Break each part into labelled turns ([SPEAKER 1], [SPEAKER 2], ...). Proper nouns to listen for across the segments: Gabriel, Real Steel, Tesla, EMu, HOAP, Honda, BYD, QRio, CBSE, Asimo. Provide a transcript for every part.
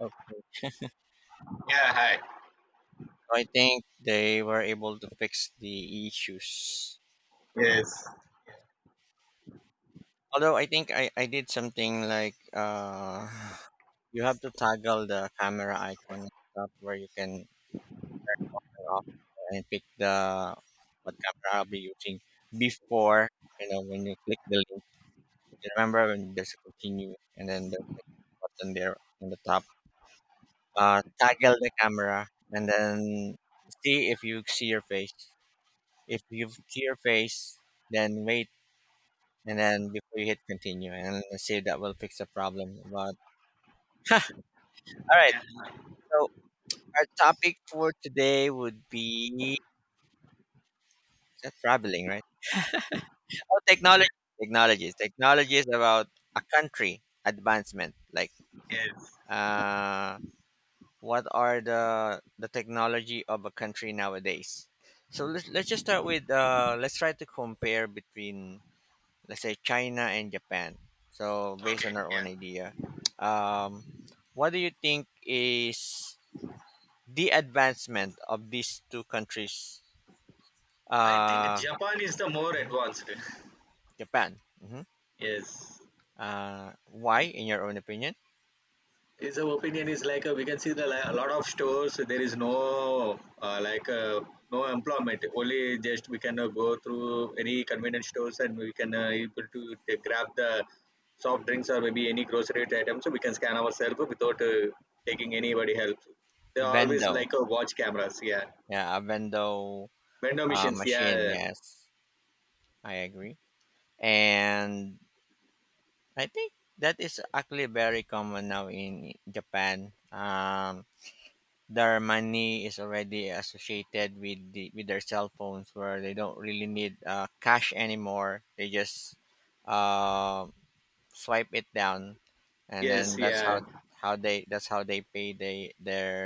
[SPEAKER 1] Okay. So
[SPEAKER 2] Yeah, hi.
[SPEAKER 1] I think they were able to fix the issues.
[SPEAKER 2] Yes.
[SPEAKER 1] Although I think I did something like you have to toggle the camera icon at the top where you can turn off and pick the what camera I'll be using before you know when you click the link. You remember when there's a continue and then there's like a button there on the top. Toggle the camera and then see if you see your face. If you see your face, then wait and then before you hit continue, and let's see if that will fix the problem. But all right,
[SPEAKER 2] Yeah,
[SPEAKER 1] so our topic for today would be traveling, right? Oh,
[SPEAKER 2] yeah,
[SPEAKER 1] technology. Technologies about a country advancement, like
[SPEAKER 2] yes.
[SPEAKER 1] uh what are the technology of a country nowadays. So let's just start with let's try to compare between, let's say, China and Japan. So based
[SPEAKER 2] Okay,
[SPEAKER 1] on our own
[SPEAKER 2] yeah.
[SPEAKER 1] idea, um what do you think is the advancement of these two countries,
[SPEAKER 2] I think
[SPEAKER 1] uh,
[SPEAKER 2] Japan is the more
[SPEAKER 1] Mhm.
[SPEAKER 2] advanced.
[SPEAKER 1] Japan. Hmm.
[SPEAKER 2] Yes.
[SPEAKER 1] Why, in your own opinion?
[SPEAKER 2] Is our opinion is like we can see the a lot of stores. There is no like no employment. Only just we can go through any convenience stores and we can able to grab the soft drinks or maybe any grocery item. So we can scan ourselves without taking anybody help. They always
[SPEAKER 1] Vendo,
[SPEAKER 2] like watch cameras. Yeah,
[SPEAKER 1] yeah, a vendo
[SPEAKER 2] vendor machines.
[SPEAKER 1] machine.
[SPEAKER 2] Yeah,
[SPEAKER 1] Yes, I agree, and I think that is actually very common now in Japan. Their money is already associated with their cell phones, where they don't really need cash anymore. They just uh, swipe it down, and then
[SPEAKER 2] yes,
[SPEAKER 1] that's
[SPEAKER 2] yeah.
[SPEAKER 1] how they that's how they pay they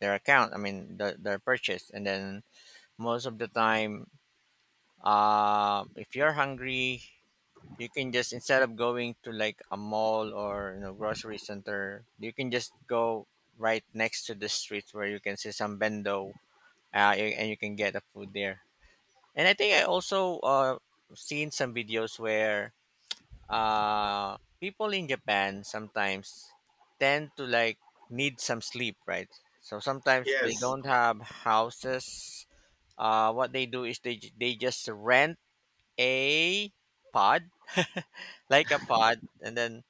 [SPEAKER 1] their account. I mean their purchase, and then most of the time, if you're hungry, you can just, instead of going to like a mall or grocery center, you can just go right next to the street, where you can see some bendo, and you can get the food there. And I think I also seen some videos where people in Japan sometimes tend to like need some sleep, right? So sometimes they
[SPEAKER 2] Yes,
[SPEAKER 1] don't have houses. What they do is they just rent a pod, like a pod, and then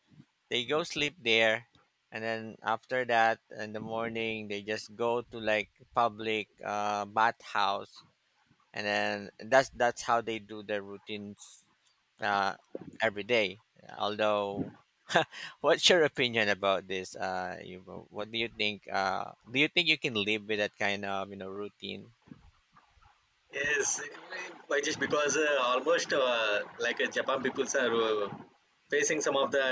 [SPEAKER 1] they go sleep there. And then after that, in the morning, they just go to like public bathhouse, and then that's how they do their routines uh, every day. Although, what's your opinion about this? You know, what do you think? Do you think you can live with that kind of routine?
[SPEAKER 2] yes, by just because almost like Japan peoples are facing some of the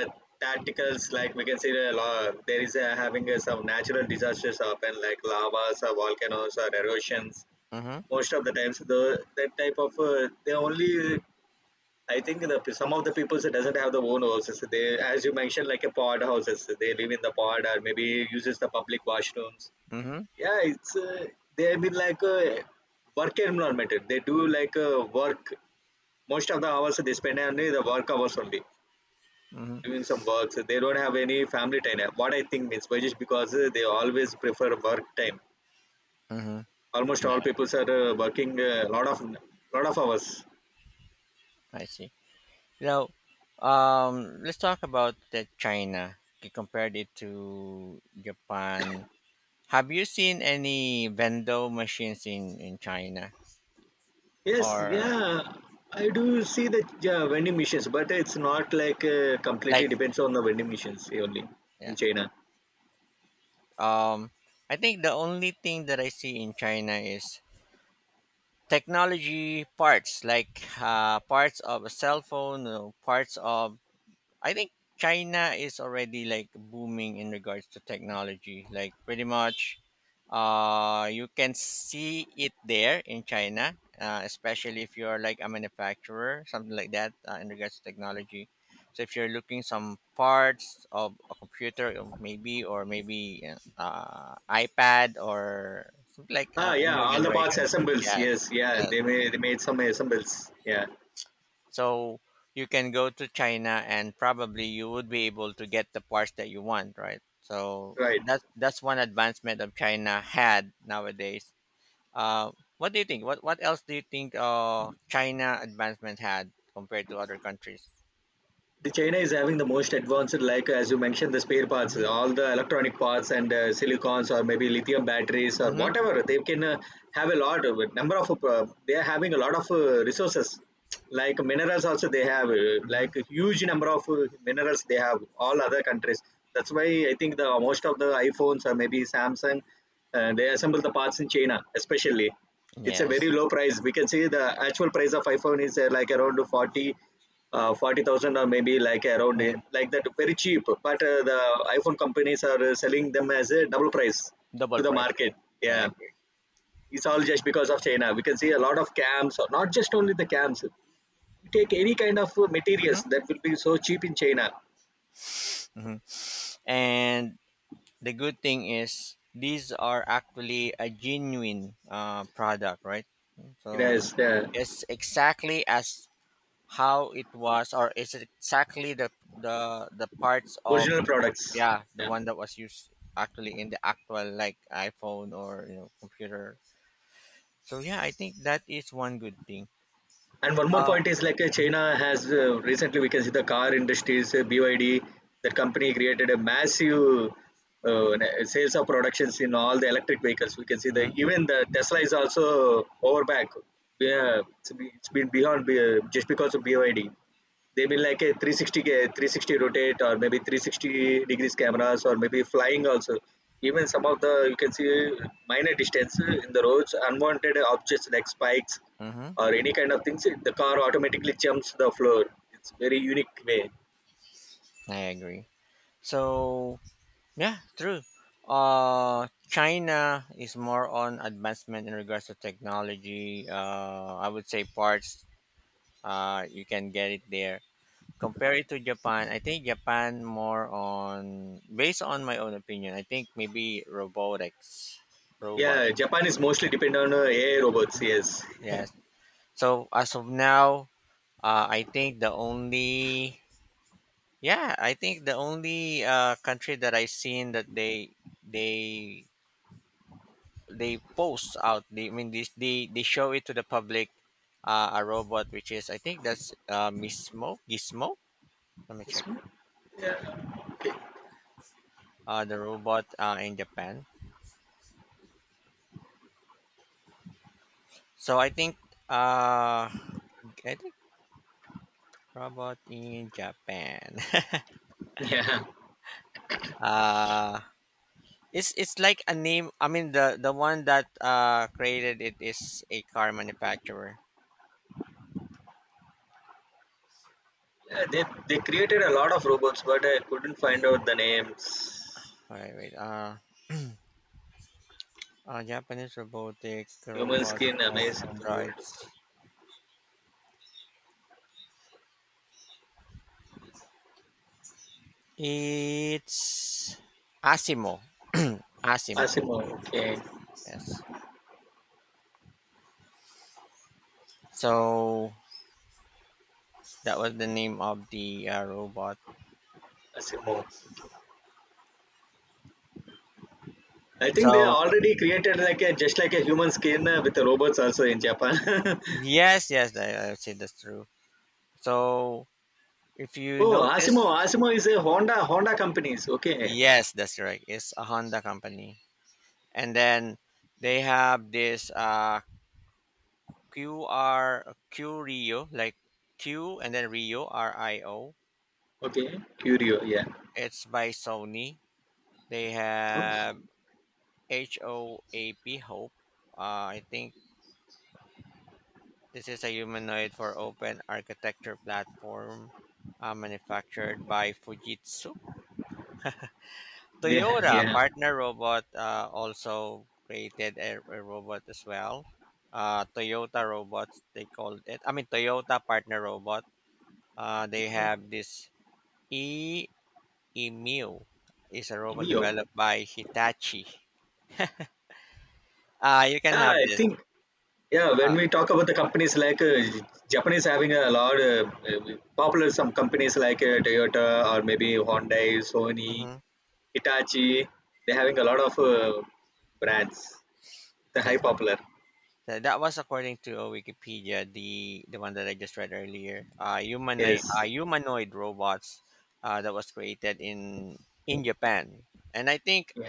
[SPEAKER 2] tacticals. Like we can see, the law, there is having some natural disasters happen, like lavas or volcanoes or erosions.
[SPEAKER 1] Mm-hmm.
[SPEAKER 2] Most of the times, the that type of they only. I think the some of the peoples doesn't have their own houses. They, as you mentioned, like a pod houses. They live in the pod or maybe uses the public washrooms.
[SPEAKER 1] Mm-hmm.
[SPEAKER 2] Yeah, it's they've been like a work environment. They do like work. Most of the hours they spend only the work hours only
[SPEAKER 1] Mm-hmm.
[SPEAKER 2] doing some works. They don't have any family time. What I think means by just because they always prefer work time.
[SPEAKER 1] Mm-hmm.
[SPEAKER 2] Almost
[SPEAKER 1] Yeah,
[SPEAKER 2] all people are working a lot of hours.
[SPEAKER 1] I see. Now, let's talk about the China. You compared it to Japan. Have you seen any vendo machines in China,
[SPEAKER 2] Yes,
[SPEAKER 1] or
[SPEAKER 2] yeah. I do see the yeah, vending machines, but it's not like completely
[SPEAKER 1] like,
[SPEAKER 2] depends on the vending machines only in
[SPEAKER 1] yeah?
[SPEAKER 2] China.
[SPEAKER 1] Um, I think the only thing that I see in China is technology parts, like parts of a cell phone, parts of I think China is already like booming in regards to technology. Like, pretty much you can see it there in China, especially if you're like a manufacturer, something like that, in regards to technology. So if you're looking some parts of a computer, maybe, or maybe uh, uh, iPad or something like
[SPEAKER 2] Ah,
[SPEAKER 1] a
[SPEAKER 2] yeah,
[SPEAKER 1] new
[SPEAKER 2] all the parts
[SPEAKER 1] generation.
[SPEAKER 2] assembles.
[SPEAKER 1] Yes,
[SPEAKER 2] Yes, yeah,
[SPEAKER 1] yes.
[SPEAKER 2] they made some assembles. Yeah,
[SPEAKER 1] So you can go to China and probably you would be able to get the parts that you want, right? So
[SPEAKER 2] right.
[SPEAKER 1] that's one advancement of China had nowadays. Uh, what do you think? What else do you think China advancement had compared to other countries?
[SPEAKER 2] The China is having the most advanced, like as you mentioned, the spare parts,
[SPEAKER 1] Hmm.
[SPEAKER 2] all the electronic parts and silicons or maybe lithium batteries or
[SPEAKER 1] Hmm.
[SPEAKER 2] whatever. They can have a lot of number of. They are having a lot of resources, like minerals. Also, they have
[SPEAKER 1] Hmm.
[SPEAKER 2] like a huge number of minerals. They have all other countries. That's why I think the most of the iPhones or maybe Samsung, they assemble the parts in China, especially. It's a very
[SPEAKER 1] Yes.
[SPEAKER 2] low price. We can see the actual price of iPhone is like around forty 40,000 or maybe like around
[SPEAKER 1] Mhm.
[SPEAKER 2] like that very cheap but the iPhone companies are selling them as a double price to
[SPEAKER 1] Double
[SPEAKER 2] the
[SPEAKER 1] price.
[SPEAKER 2] market.
[SPEAKER 1] I
[SPEAKER 2] Yeah,
[SPEAKER 1] agree.
[SPEAKER 2] it's all just because of China. We can see a lot of cams or not just only the cams. You take any kind of materials
[SPEAKER 1] Hmm.
[SPEAKER 2] that will be so cheap in China.
[SPEAKER 1] Hmm. And the good thing is these are actually a genuine product, right?
[SPEAKER 2] It has
[SPEAKER 1] So
[SPEAKER 2] the
[SPEAKER 1] it's exactly as how it was, or it's exactly the parts of,
[SPEAKER 2] original
[SPEAKER 1] oh,
[SPEAKER 2] products.
[SPEAKER 1] yeah, the
[SPEAKER 2] Yeah.
[SPEAKER 1] one that was used actually in the actual like iPhone or computer. So yeah, I think that is one good thing.
[SPEAKER 2] And one more
[SPEAKER 1] Uh,
[SPEAKER 2] point is like China has recently, we can see the car industries, BYD, that company created a massive uh, sales of productions in all the electric vehicles. We can see the
[SPEAKER 1] mm-hmm.
[SPEAKER 2] even the Tesla is also over back. Yeah, it's been beyond just because of BYD. They've been like a 360 rotate or maybe 360 degrees cameras or maybe flying also. Even some of the you can see minor distance in the roads, unwanted objects like spikes
[SPEAKER 1] Mm-hmm.
[SPEAKER 2] or any kind of things, it, the car automatically jumps the floor. It's very unique way.
[SPEAKER 1] I agree. So yeah, true. China is more on advancement in regards to technology. I would say parts. You can get it there. Compare it to Japan, I think Japan more on, based on my own opinion, I think maybe robotics, robot.
[SPEAKER 2] Yeah, Japan is mostly dependent on AI robots. Yes.
[SPEAKER 1] Yes. So as of now, I think the only, yeah, I think the only country that I seen that they they post out, they I mean this, they show it to the public a robot, which is, I think that's Mismo, Gizmo, let me
[SPEAKER 2] Yes,
[SPEAKER 1] check
[SPEAKER 2] ma'am? Yeah. Okay.
[SPEAKER 1] the robot in Japan. So I think, uh I think robot in Japan.
[SPEAKER 2] Yeah.
[SPEAKER 1] uh it's like a name, I mean the one that created it is a car manufacturer.
[SPEAKER 2] Yeah, they created a lot of robots, but I couldn't find out the names.
[SPEAKER 1] Wait, wait, Japanese robotic
[SPEAKER 2] Human
[SPEAKER 1] robot,
[SPEAKER 2] skin,
[SPEAKER 1] like
[SPEAKER 2] amazing to world.
[SPEAKER 1] androids. It's Asimo. Asimo.
[SPEAKER 2] Asimo, okay.
[SPEAKER 1] Yes. So that was the name of the robot.
[SPEAKER 2] Asimo. I think they
[SPEAKER 1] So
[SPEAKER 2] already created like a just like a human skin with the robots also in Japan.
[SPEAKER 1] yes, yes, I would say that's true. So if you
[SPEAKER 2] Oh, Asimo,
[SPEAKER 1] notice,
[SPEAKER 2] Asimo is a Honda companies. Okay,
[SPEAKER 1] yes, that's right. It's a Honda company, and then they have this QR, Q Rio, like Q and then Rio, R I O.
[SPEAKER 2] okay, Curio, yeah.
[SPEAKER 1] It's by Sony. They
[SPEAKER 2] Oops.
[SPEAKER 1] have HOAP, Hope. Uh, I think this is a humanoid for open architecture platform manufactured by Fujitsu.
[SPEAKER 2] They,
[SPEAKER 1] Toyota
[SPEAKER 2] yeah,
[SPEAKER 1] partner robot also created a robot as well. Toyota robots, they called it. I mean Toyota partner robot. They have this E, Emu, is a robot
[SPEAKER 2] Mio.
[SPEAKER 1] developed by Hitachi. You can
[SPEAKER 2] Yeah,
[SPEAKER 1] have
[SPEAKER 2] I
[SPEAKER 1] this.
[SPEAKER 2] think, yeah, when
[SPEAKER 1] Uh,
[SPEAKER 2] we talk about the companies like Japanese having a lot of popular some companies like Toyota or maybe Hyundai, Sony,
[SPEAKER 1] mhm.
[SPEAKER 2] Hitachi, they're having a lot of brands, the high
[SPEAKER 1] That's right.
[SPEAKER 2] popular.
[SPEAKER 1] That was according to Wikipedia, the one that I just read earlier.
[SPEAKER 2] Yes.
[SPEAKER 1] Humanoid robots that was created in Japan, and I think
[SPEAKER 2] Yeah.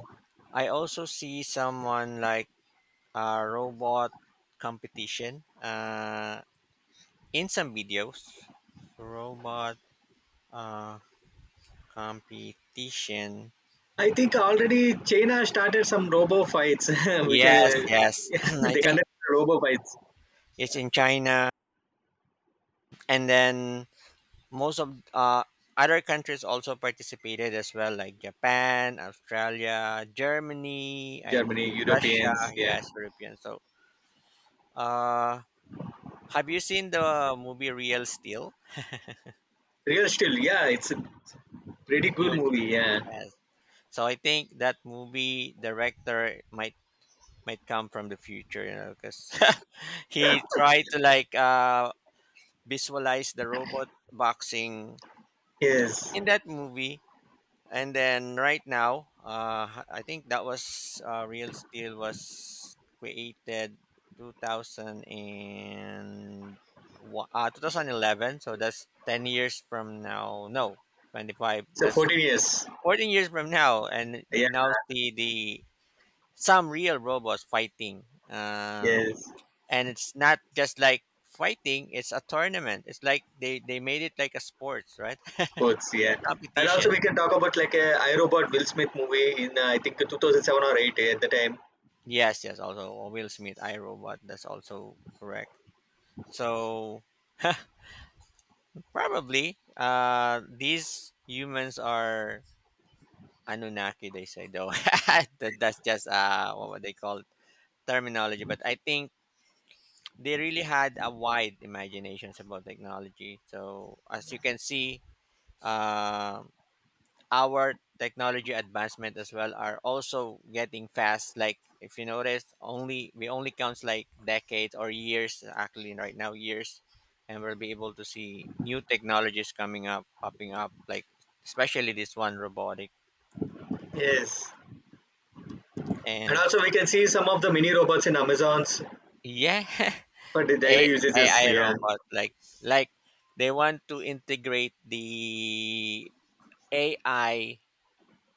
[SPEAKER 1] I also see someone like a robot competition in some videos. Robot uh, competition.
[SPEAKER 2] I think already China started some robo fights. We
[SPEAKER 1] Yes,
[SPEAKER 2] can,
[SPEAKER 1] yes. I
[SPEAKER 2] they
[SPEAKER 1] think
[SPEAKER 2] conduct robo fights.
[SPEAKER 1] it's in China, and then most of other countries also participated as well, like Japan, Australia, Germany, I
[SPEAKER 2] Germany,
[SPEAKER 1] believe Russia.
[SPEAKER 2] Europeans, yeah.
[SPEAKER 1] Yes, European. So, uh, have you seen the movie Real Steel?
[SPEAKER 2] Real Steel, yeah, it's a pretty cool
[SPEAKER 1] You-
[SPEAKER 2] movie. Yeah,
[SPEAKER 1] Yes. So I think that movie director might come from the future, because he tried to like visualize the robot boxing
[SPEAKER 2] yes.
[SPEAKER 1] in that movie. And then right now, I think that was Real Steel was created 2000 and 2011. So that's 10 years from now. No, 25.
[SPEAKER 2] So
[SPEAKER 1] That's
[SPEAKER 2] 14 years.
[SPEAKER 1] 14 years from now. And you
[SPEAKER 2] Yeah,
[SPEAKER 1] now see the some real robots fighting. Uh,
[SPEAKER 2] yes.
[SPEAKER 1] and it's not just like fighting. It's a tournament. It's like they made it like a sports, right?
[SPEAKER 2] Sports, yeah. And also we
[SPEAKER 1] Competition.
[SPEAKER 2] can talk about like a I Robot Will Smith movie in I think 2007 or 8, yeah, at the time.
[SPEAKER 1] Yes, yes, also Will Smith, I Robot. That's also correct. So probably these humans are Anunnaki, they say though. That's just what would they call it? Terminology. But I think they really had a wide imaginations about technology. So as you can see, uh our technology advancement as well are also getting fast. Like if you notice, only we only counts like decades or years, actually right now years, and we'll be able to see new technologies coming up, popping up, like especially this one, robotic.
[SPEAKER 2] Yes. And
[SPEAKER 1] And
[SPEAKER 2] also we can see some of the mini robots in Amazon's
[SPEAKER 1] yeah,
[SPEAKER 2] for the daily usages.
[SPEAKER 1] AI
[SPEAKER 2] Yeah.
[SPEAKER 1] robot, like they want to integrate the AI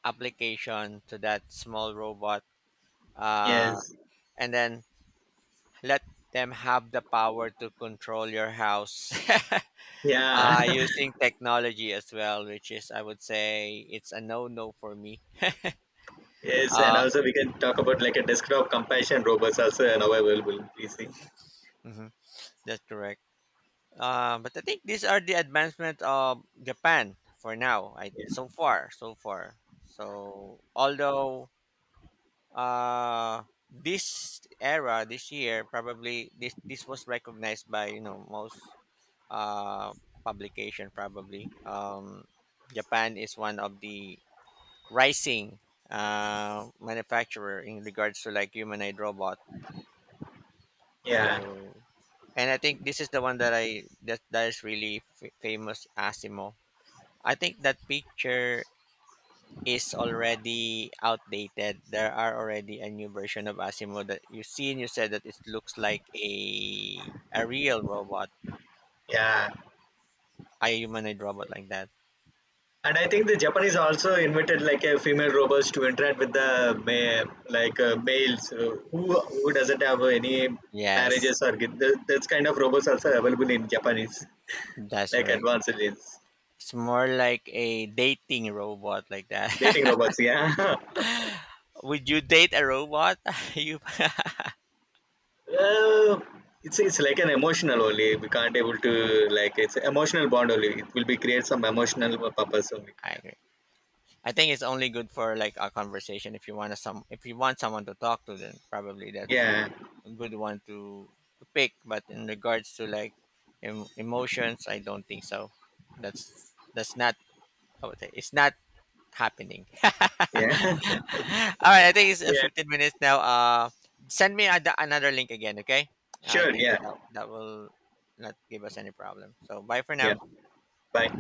[SPEAKER 1] application to that small robot, uh
[SPEAKER 2] Yes.
[SPEAKER 1] and then let them have the power to control your house.
[SPEAKER 2] Yeah.
[SPEAKER 1] Using technology as well, which is, I would say, it's a no no for me.
[SPEAKER 2] Yes. And
[SPEAKER 1] Uh,
[SPEAKER 2] also we can talk about like a desktop compassion robots also now available. We see.
[SPEAKER 1] mhm. That's correct. But I think these are the advancement of Japan for now. I
[SPEAKER 2] Yeah.
[SPEAKER 1] So far, so far. So although this era, this year, probably this was recognized by most uh, publication probably. Japan is one of the rising manufacturer in regards to like humanoid robot.
[SPEAKER 2] Yeah.
[SPEAKER 1] So, and I think this is the one that I that that is really famous, Asimo. I think that picture is already outdated. There are already a new version of Asimo that you see, and you said that it looks like a real robot,
[SPEAKER 2] Yeah.
[SPEAKER 1] a humanoid robot like that.
[SPEAKER 2] And I think the Japanese also invited like a female robots to interact with the like males who doesn't have any
[SPEAKER 1] Yes,
[SPEAKER 2] marriages or get, that's kind of robots also available in Japanese
[SPEAKER 1] that's
[SPEAKER 2] like
[SPEAKER 1] correct.
[SPEAKER 2] advanced is
[SPEAKER 1] It's more like a dating robot like that.
[SPEAKER 2] dating robots. Yeah,
[SPEAKER 1] Would you date a robot? you
[SPEAKER 2] it's like an emotional only. We can't able to like it's emotional bond only. It will be create some emotional purpose only.
[SPEAKER 1] I agree. I think it's only good for like a conversation. If you want to some, if you want someone to talk to, then probably that's
[SPEAKER 2] Yeah,
[SPEAKER 1] a good one to pick, but in regards to like emotions, I don't think so. That's not, I would say it's not happening. All
[SPEAKER 2] yeah,
[SPEAKER 1] right, I think it's
[SPEAKER 2] yeah.
[SPEAKER 1] 15 minutes now. Send me another link again, okay? I
[SPEAKER 2] Sure.
[SPEAKER 1] think
[SPEAKER 2] Yeah,
[SPEAKER 1] that that will not give us any problem. So bye for
[SPEAKER 2] yeah.
[SPEAKER 1] now.
[SPEAKER 2] Bye.